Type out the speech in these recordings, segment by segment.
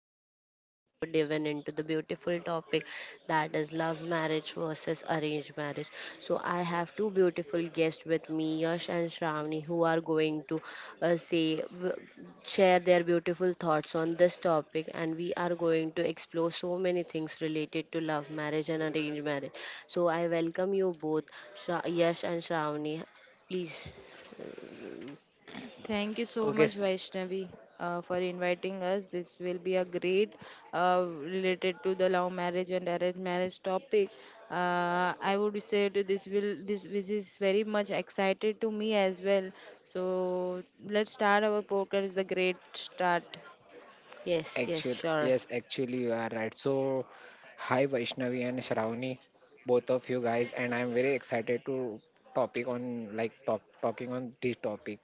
Today we are going to dive in into the beautiful topic that is love marriage versus arranged marriage. So I have two beautiful guests with me, Yash and Shravani, who are going to uh, say w- share their beautiful thoughts on this topic, and we are going to explore so many things related to love marriage and arranged marriage. So I welcome you both, Yash and Shravani. Please. Thank you so Okay, much, s- Vaishnavi, for inviting us. This will be a great related to the love marriage and arranged marriage topic. I would say to this will this this is very much excited to me as well. So let's start our podcast. It's a great start. Yes, yes, actually, sure. yes, actually, you are right. Hi Vaishnavi and Shravani, both of you guys, and I'm very excited to topic on like top talking on this topic.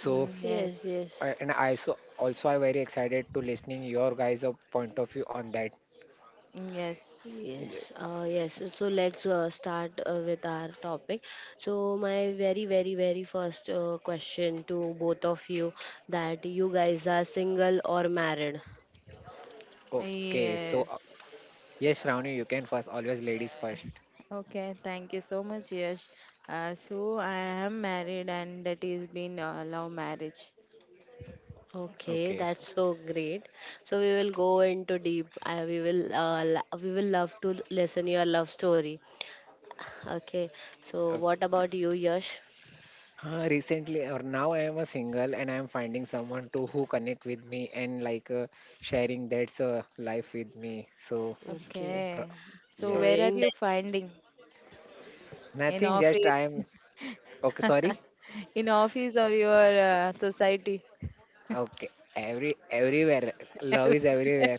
So, Yes, Yes. yes, so also I'm very excited to listening your guys' of point of view on that. Yes. yes, yes. Yes. So let's start with our topic. So my very, very, very first question to both of you, that you guys are single or married? Okay. Yes. Yes, Shravani, you can first. Always ladies Yeah. first. Okay, thank you so much, Yash. So I am married, and that is been a love marriage. Okay. Okay, that's so great. So we will go into deep. I, we will lo- we will love to listen your love story. Okay. So what about you, Yash? Recently or now I am a single and I am finding someone to who connect with me and like sharing that's life with me. Okay. r- Okay. So So where are yes, in. you finding in nothing. Just office, I am Okay. Sorry. in office or your society? Okay. Everywhere. Love is everywhere.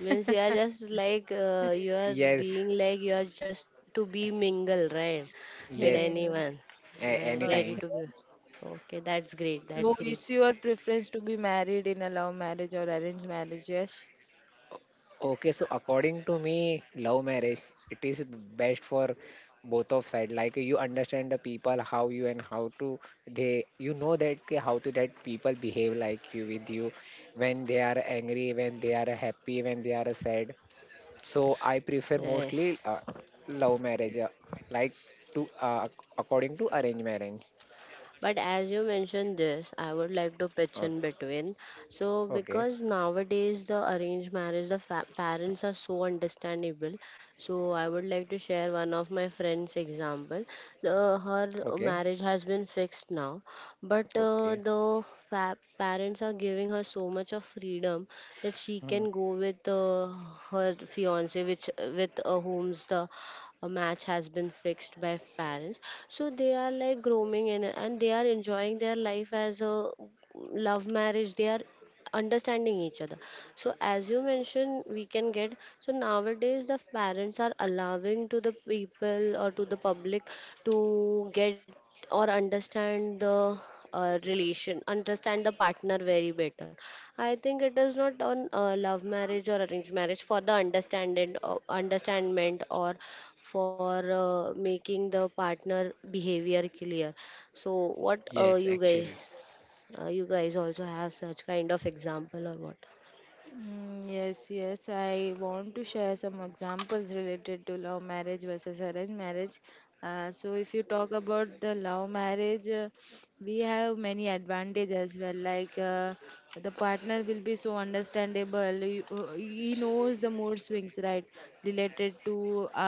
Means you are just like you are Yes. being like you are just to be mingle, right? With Yes. anyone, right? Ready Okay. Anytime. to be. Okay, that's great. So That's great. is your preference to be married in a love marriage or arranged marriage, Yash? Okay, so according to me, love marriage it is best for both of side. Like you understand the people how you and how to they you know that कि how to that people behave like you with you when they are angry, when they are happy, when they are sad. So I prefer mostly Yes. Love marriage, like to according to arranged marriage. But as you mentioned this, I would like to pitch Oh, in between. So, okay, because nowadays the arranged marriage, the parents are so understandable. So, I would like to share one of my friend's example. So, her okay, marriage has been fixed now, but okay. the parents are giving her so much of freedom that she Hmm. can go with her fiance, which with whom's the a match has been fixed by parents, so they are like roaming in and they are enjoying their life as a love marriage. They are understanding each other. So as you mentioned, we can get, so nowadays the parents are allowing to the people or to the public to get or understand the relation, understand the partner very better. I think it is not on love marriage or arranged marriage for the understanding or understandment or for making the partner behavior clear. So Yes, what actually. you guys, you guys also have such kind of example or what? Yes, yes. I want to share some examples related to love marriage versus arranged marriage. So, if you talk about the love marriage, we have many advantages as well. Like the partner will be so understandable. He knows the mood swings, right? Related to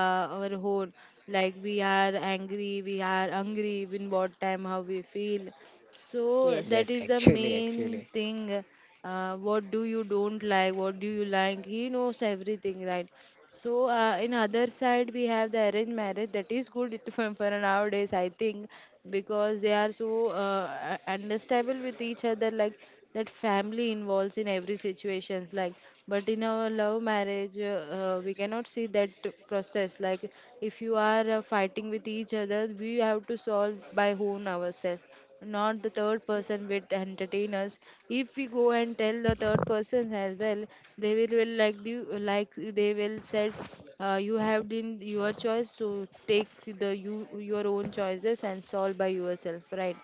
our own. Like we are angry, we are hungry, in what time, how we feel. Yes, So actually, Yes. that is the actually. main thing. What do you don't like? What do you like? He knows everything, right? So in other side we have the arranged marriage that is good, for nowadays I think, because they are so understandable with each other, like that family involves in every situations. Like, but in our love marriage we cannot see that process. Like, if you are fighting with each other we have to solve by own ourselves, not the third person with entertain us. If we go and tell the third person as well, they will like you, like they will said, you have been your choice to take the you your own choices and solve by yourself, right?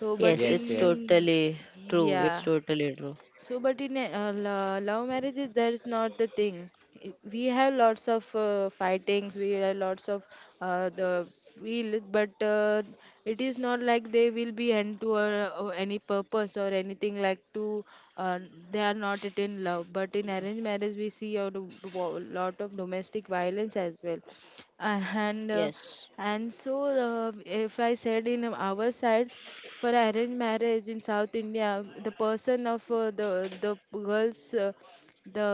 So, but Yes, Yes, it's yes. in totally true. It's yeah totally true. so, but in a, love marriages, that's not the thing. We have lots of fightings. We have lots of the feel, but it is not like they will be end to any purpose or anything like to. Uh, they are not at in love. But in arranged marriage, we see a lot of domestic violence as well. Uh, and uh, Yes. and so, if I said in our side, for arranged marriage in South India, the person of the girls, the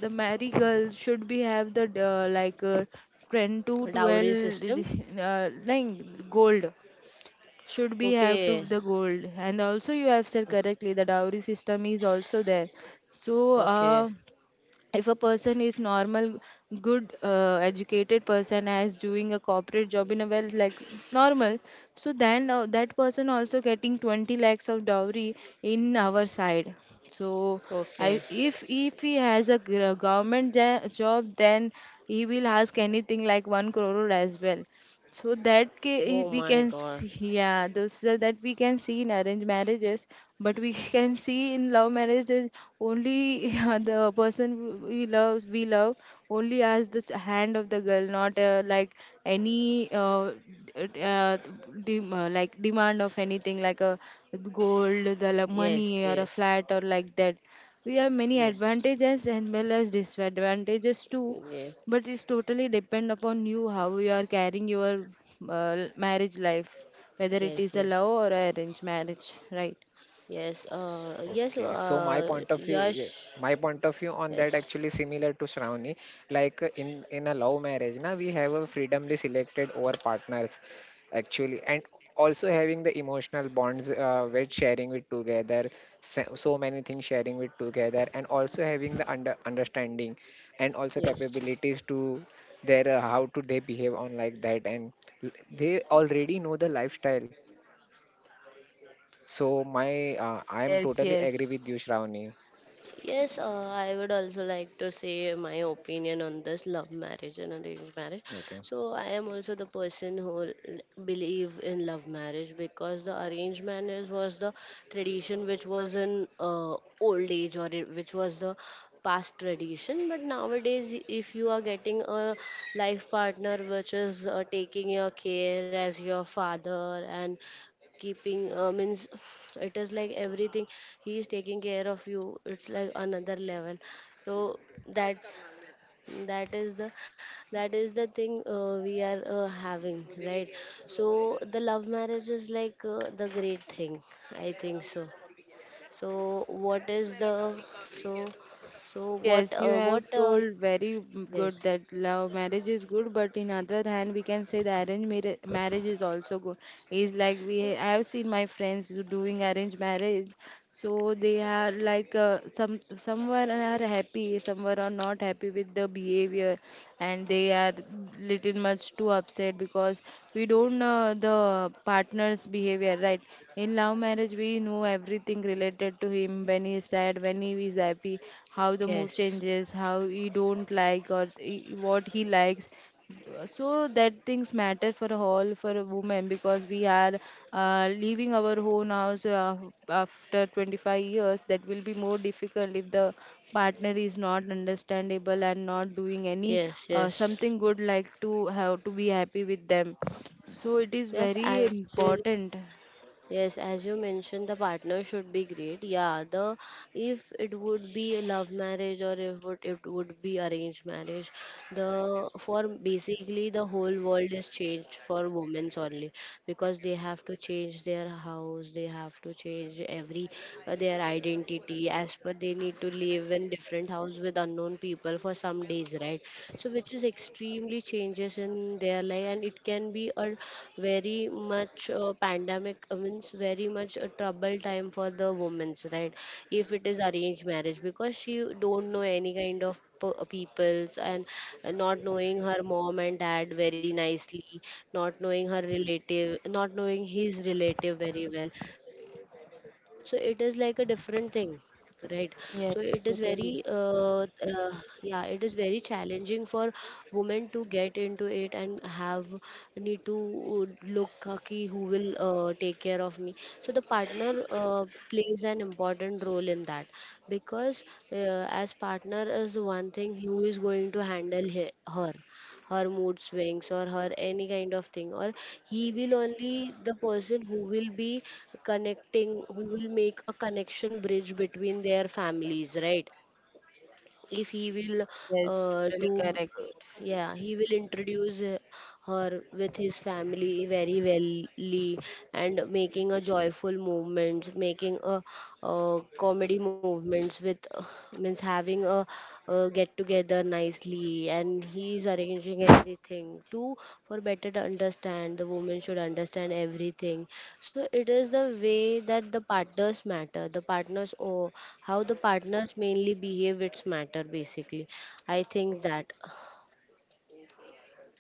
the married girl should be have the 10 to Dowry 12 system. Like gold, should be have Okay, to the gold. And also you have said correctly, the dowry system is also there. So okay, uh, if a person is normal, good, educated person as doing a corporate job in a well, like normal, so then that person also getting 20 lakhs of dowry in our side. So I okay. If he has a government job, then he will ask anything like 1 crore as well. So Oh we my can God. see, yeah, those, so that we can see in arranged marriages, but we can see in love marriages only, the person we love, we love, only as the hand of the girl, not like any d- uh, like demand of anything like a gold, the like, Yes, money or a yes. flat or like that. We have many Yes, advantages and well as disadvantages too, yes, but it's totally depend upon you how you are carrying your marriage life, whether it yes, is a yes. love or a arranged marriage, right? Yes. Yes. Okay, so my point of view, yes, Yash. my point of view on that Yes, actually similar to Shravani. Like in a love marriage, na we have a freedomly selected our partners actually, and also having the emotional bonds with sharing it together, so, so many things sharing it together, and also having the understanding and also yes. capabilities to their how to they behave on like that, and they already know the lifestyle. So my I am Yes, totally agree yes. with you, Shravani. Yes, I would also like to say my opinion on this love marriage and arranged marriage. Okay. So I am also the person who believe in love marriage, because the arranged marriage was the tradition which was in old age, or it, which was the past tradition. But nowadays, if you are getting a life partner which is taking your care as your father and keeping means it is like everything, he is taking care of you, it's like another level. So that's, that is the, that is the thing we are having, right? So the love marriage is like the great thing, I think so. So what is the, so, so Yes, you have what told very yes, good that love marriage is good, but in other hand, we can say the marriage is also good. Is like we I have seen my friends who doing arranged marriage, so they are like, some somewhere are happy, somewhere are not happy with the behavior, and they are little much too upset because we don't know the partner's behavior, right? In love marriage, we know everything related to him, when he is sad, when he is happy, how the mood yes, changes, how he don't like or what he likes. So that things matter for a whole for a woman, because we are leaving our own house after 25 years. That will be more difficult if the partner is not understandable and not doing any yes, yes, something good like to have to be happy with them. So it is yes, I very actually. important. Yes, as you mentioned, the partner should be great. Yeah, the, if it would be a love marriage or if would it would be arranged marriage, the for basically the whole world is changed for women's only, because they have to change their house, they have to change every their identity as per they need to live in different house with unknown people for some days, right? So which is extremely changes in their life, and it can be a very much pandemic, means very much a trouble time for the women's, right? If it is arranged marriage, because she don't know any kind of peoples, and not knowing her mom and dad very nicely, not knowing her relative, not knowing his relative very well. So it is like a different thing. Right. So it is Yes, very, totally. Yeah, it is very challenging for women to get into it, and have need to look ki who will take care of me. So the partner plays an important role in that, because as partner is one thing who is going to handle he her, her mood swings or her any kind of thing, or he will only the person who will be connecting, who will make a connection bridge between their families, right? If he will Yes, totally do, correct. yeah, he will introduce her with his family very wellly, and making a joyful movements, making a comedy movements with means having a get together calendar nicely, and he's arranging everything to for better to understand, the woman should understand everything. So it is the way that the partners matter, the partners, or how the partners mainly behave, it's matter basically, I think that,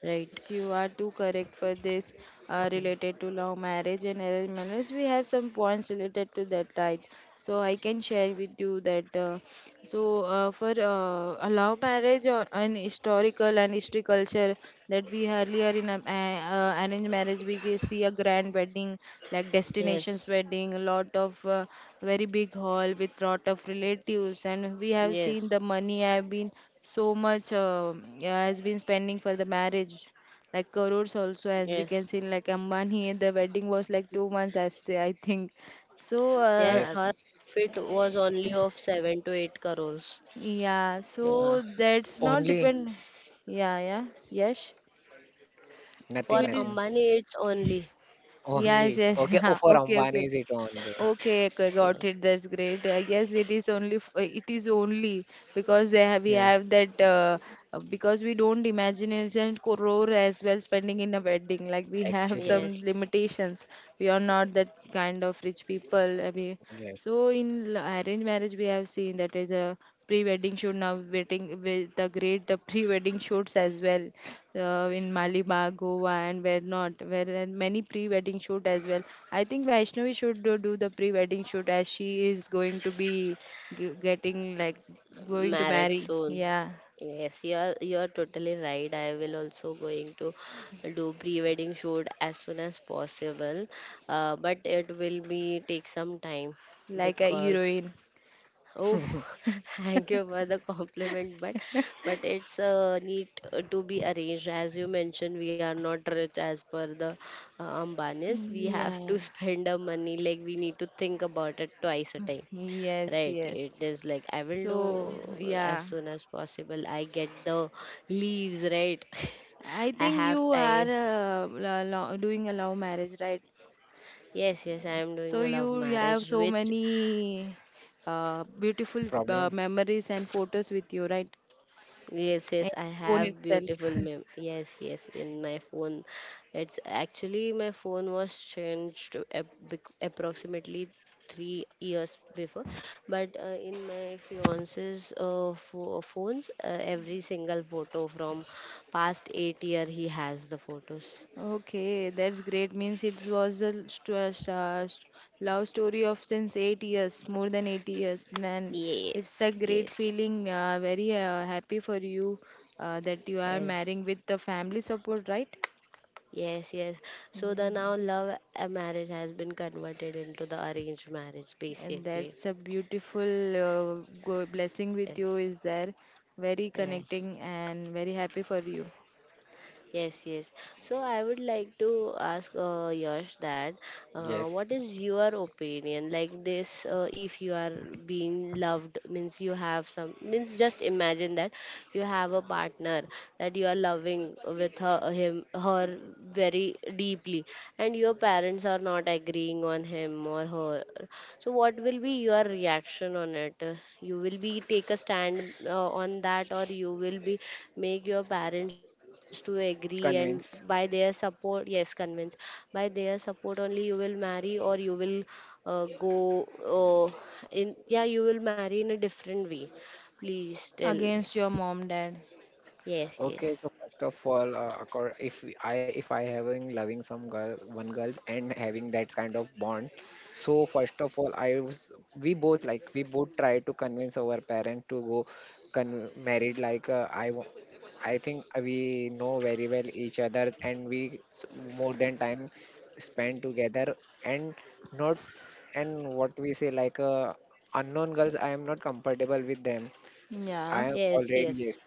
right? Yes, you are too correct for this related to love marriage and arranged marriage. We have some points related to that, right? So I can share with you that. So, for a love marriage or an historical and history culture, that we earlier in a, arranged marriage we can see a grand wedding, like Yes, destinations wedding, a lot of very big hall with lot of relatives. And we have seen yes, the money have been so much, yeah, has been spending for the marriage, like crores also, as we can yes, see, like Ambani the wedding was like 2 months as they, I think. So yes. Yes. her outfit was only of 7 to 8 crores. yeah so Yeah, that's not Only. depend. Yeah yeah yes So for Nothing, it nothing. is, Ambani it's only. yeah, yes, Only. yes. Okay. Oh, for okay Ambani okay is it only? okay, okay, got Yeah. it. That's great. I guess it is only it is only because they have, we Yeah. have that because we don't imagination crore as well spending in a wedding. Like we have Actually. some Yes, limitations. We are not that kind of rich people. uh, We, Yeah. so in arranged marriage we have seen that is a pre-wedding shoot, now waiting with the great the pre-wedding shoots as well, in Maliba, Goa and where not, where there are many pre-wedding shoot as well. I think Vaishnavi should do the pre-wedding shoot as she is going to be getting like, going to married marry, soon. yeah, Yes, you are, you are totally right. I will also going to do pre-wedding shoot as soon as possible, but it will be take some time like a because. heroine. Oh, thank you for the compliment, but it's neat to be arranged. As you mentioned, we are not rich as per the Ambanis. We have Yeah, to spend our money, like we need to think about it twice a time, yes, right? yes. It is like I will So do as yeah, soon as possible. I get the leaves, right? I I think have you are time. Doing a love marriage, right? Yes, yes, I am doing So a love you have marriage, so which. many beautiful Problem. memories and photos with you, right? Yes, And yes, I phone have itself. beautiful mem. Yes, yes, in my phone. It's actually my phone was changed approximately 3 years before, but in my fiance's phones, every single photo from past 8 year, he has the photos. Okay, that's great. Means it was a love story of since 8 years, more than 8 years. Then it's Yes, a great yes, feeling. Very happy for you that you are yes. marrying with the family support, right? Yes, yes. So the now love marriage has been converted into the arranged marriage, And basically. that's a beautiful blessing with you, Yes, is there? Very yes. connecting and very happy for you. Yes, yes. So I would like to ask Yash that Yes. what is your opinion like this, if you are being loved, means you have some, means just imagine that you have a partner that you are loving with her, him, her very deeply, and your parents are not agreeing on him or her, so what will be your reaction on it? You will be take a stand on that, or you will be make your parents to agree and, by their Convince. support, yes, convince, by their support only you will marry, or you will go uh, in, yeah, you will marry in a different way, please tell. Against your mom, dad. Yes, Okay, yes, so first of all, accor- if we- I if I having loving some girl, one girls and having that kind of bond, so first of all, I was we both like we both try to convince our parent to go con married like I think we know very well each other and we more than time spend together and not and what we say like unknown girls I am not comfortable with them. I Yeah. am yes, already yes,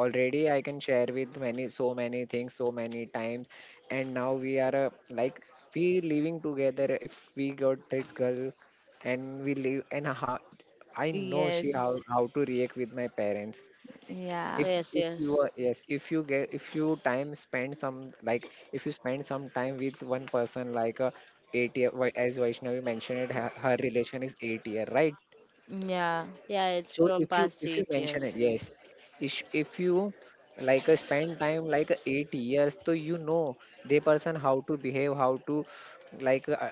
already I can share with many so many things so many times and now we are like we living together if we got this girl and we live and how I know she Yes. how to react with my parents Yeah. Yes, if yes, you are yes if you get if you time spend some like if you spend some time with one person like a 8 year as Vaishnavi mentioned it, her, her relation is 8 year right Yeah. yeah, it's so from past eight if you years mention it yes if you like spend time like 8 years so you know the person how to behave how to like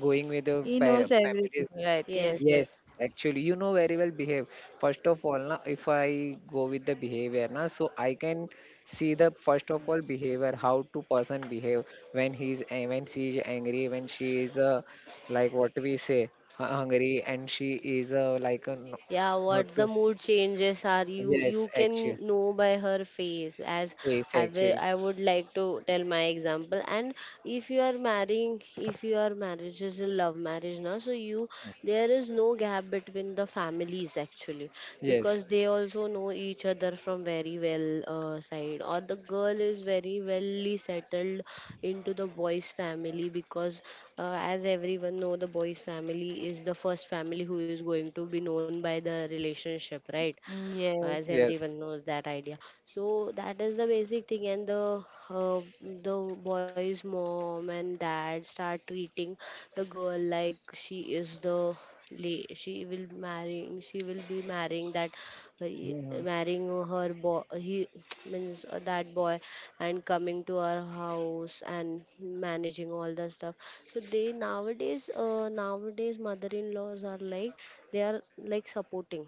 going with the He knows parents, everything, families. right? Yes, Yes. Yes. Yes, yes. actually, you know very well behave. First of all, na, if I go with the behavior, na, so I can see the first of all behavior, how to person behave when when she is angry, when she is like what we say hungry, and she is Yeah, not what the to. mood changes are, you Yes, can actually, know by her face as. face I will, actually. I would like to tell my example, and if you are marrying, if your marriage is a love marriage now, so you, there is no gap between the families actually, Yes, because they also know each other from very well side, or the girl is very wellly settled into the boy's family, because as everyone know the boy's family is the first family who is going to be known by the relationship, right? Yes. As yes. everyone knows that idea. So that is the basic thing, and the boy's mom and dad start treating the girl like she is the she will marrying, she will be marrying that uh, y- Mhm. marrying her boy, he means that boy, and coming to our house and managing all the stuff. So they nowadays, nowadays mother-in-laws are like, they are like supporting,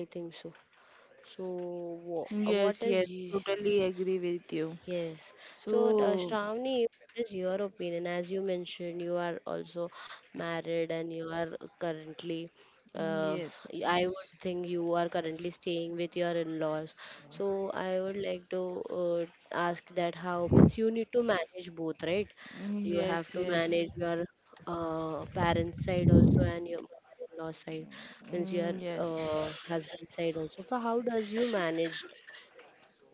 I think so. So, what Yes. Yes. is Totally agree with you. yes? So, So, Shravani, what is your opinion? As you mentioned, you are also married and you are currently, uh, yes. I would think you are currently staying with your in-laws. So, I would like to uh, ask that how, means you need to manage both, right? You have Yes. to Yes. manage your parents' side also and your mother-in-law side, means your Yes. Husband side also. So, how does you manage?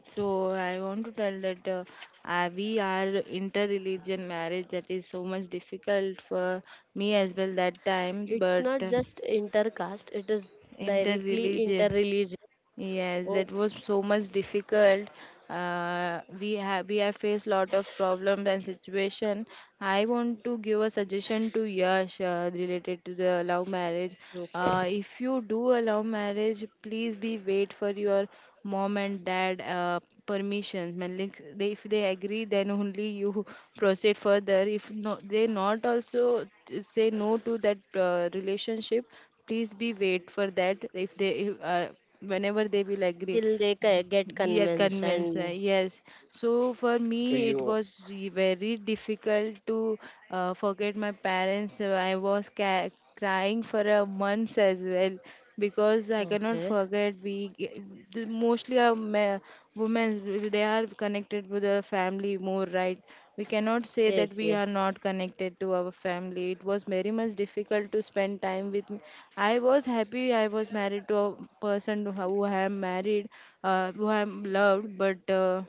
So I want to tell that we are inter-religion marriage, that is so much difficult for me as well that time, It's but not just intercaste, it is directly inter-religion. interreligious. Yes, Oh, that was so much difficult. We have faced lot of problems and situation. I want to give a suggestion to Yash related to the love marriage. okay. If you do a love marriage, please be wait for your mom and dad permissions. Mean, like, they, if they agree, then only you proceed further. If no, they not also say no to that relationship. Please be wait for that if they if, whenever they will agree, Till they get yeah, convinced convince, and. yes. So for So me it you was very difficult to forget my parents. I was crying for a month as well, because I Okay. cannot forget. Mostly our women, they are connected with the family more, right? We cannot say that Yes, we are yes, not connected to our family. It was very much difficult to spend time with me. I was happy, I was married to a person who I am married, who I am loved, but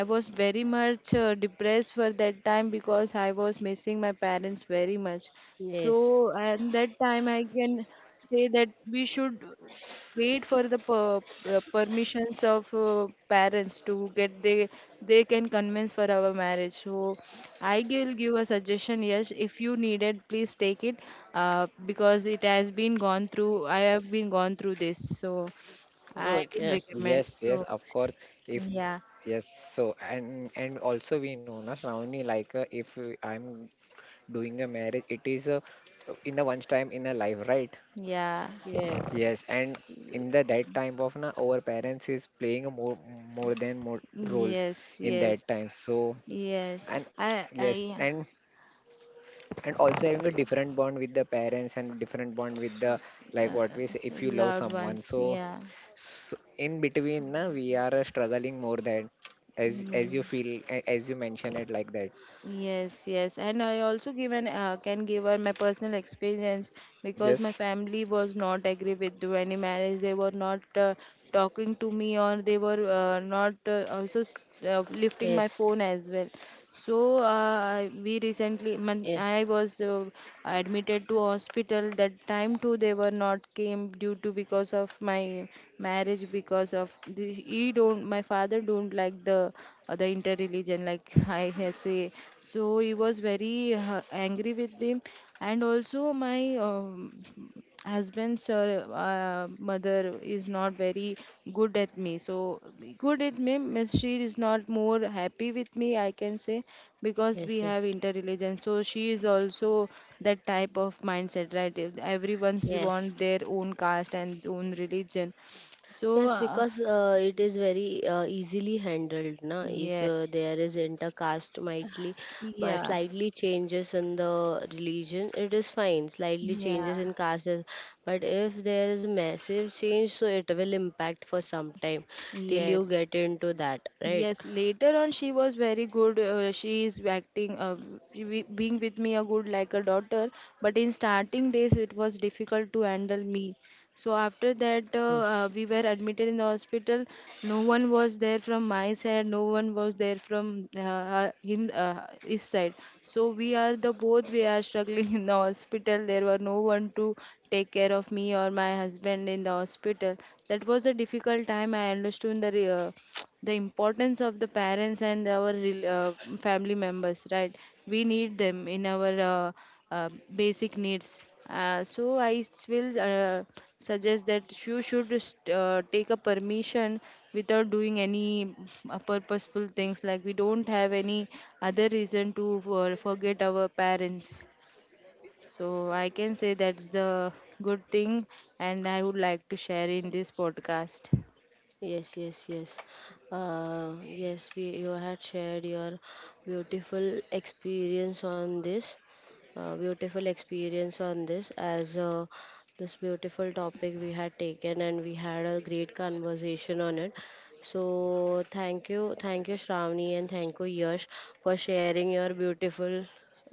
I was very much depressed for that time, because I was missing my parents very much. So yes. at that time I can say that we should wait for the permissions of parents to get, they can convince for our marriage. So I will give a suggestion, yes, if you need it please take it, because it has been gone through, I have been gone through this. So I will Okay. yes recommend. yes So of course if yeah, yes so and also we know na Shravani like if I'm doing a marriage it is a in a once time in a life right yeah, Yeah. yes and in the that time of na our parents is playing a more than more roles yes, in yes, that time so yes. and I yes and also having a different bond with the parents and different bond with the like uh, what we say uh, if you love Loved someone ones, so, yeah. s in between na we are struggling more than as you Mm. feel as you mention it like that Yes, yes, and I also given, can give her my personal experience because my yes. family was not agree with to any marriage. They were not talking to me, or they were not Yes, lifting my phone as well. So we recently, yes, man, I was admitted to hospital. That time too, they were not came due to because of my marriage, because of the, he don't my father don't like the interreligion like I say. So he was very angry with him, and also my husband's mother is not very good at me. So good at me means she is not more happy with me, I can say, because we yes, have yes, interreligion. So she is also that type of mindset, right? If everyone's yes. want their own caste and own religion. So Yes, because it is very easily handled, na. If yeah, there is intercaste mightly, yeah. slightly changes in the religion, it is fine. Slightly Yeah, changes in caste, is-, but if there is massive change, so it will impact for some time till you yes, get into that, right? yes. Later on, she was very good. She is acting, she being with me a good like a daughter. But in starting days, it was difficult to handle me. So after that, Yes, we were admitted in the hospital. No one was there from my side. No one was there from uh, him, uh, his side. So we are the both. We are struggling in the hospital. There were no one to take care of me or my husband in the hospital. That was a difficult time. I understood the the importance of the parents and our family members. Right, we need them in our. Uh, Basic needs. So I will suggest that you should take a permission without doing any purposeful things. Like we don't have any other reason to forget our parents. So I can say that's the good thing, and I would like to share in this podcast. yes, yes, yes. Yes, we you had shared your beautiful experience on this, beautiful experience on this as this beautiful topic we had taken, and we had a great conversation on it. So thank you Shravani and thank you Yash for sharing your beautiful,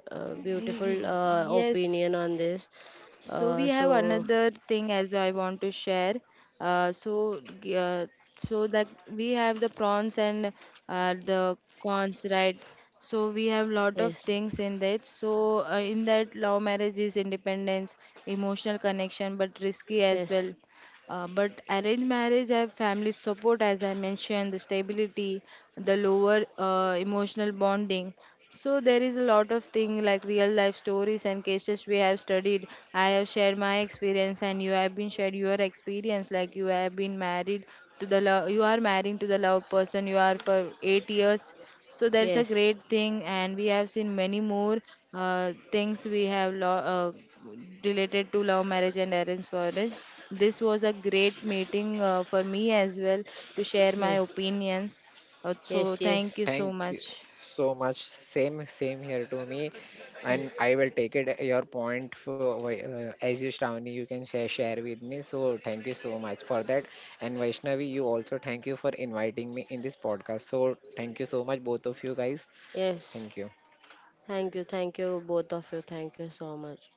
Y- beautiful y- yes. opinion on this. So we have So another thing as I want to share. Uh, so g- uh, so that we have the prawns and the cons, right? So we have lot of yes, things in that. So in that, love marriage is independence, emotional connection, but risky as well. yes, But arranged marriage have family support, as I mentioned, the stability, the lower emotional bonding. So there is a lot of thing like real life stories and cases we have studied. I have shared my experience, and you have been shared your experience. Like you have been married to the love, you are marrying to the love person. You are for 8 years, so that's a yes, great thing, and we have seen many more things related to love marriage and arranged marriage. This was a great meeting for me as well to share my yes, opinions. So yes, thank yes, you so Thank you much. so much. Same, same here to me, Th- and I will take it your point for as you, Shravani, you can share with me. So thank you so much for that, and Vaishnavi, you also thank you for inviting me in this podcast. So thank you so much, both of you guys. yes. Thank you. Thank you both of you. Thank you so much.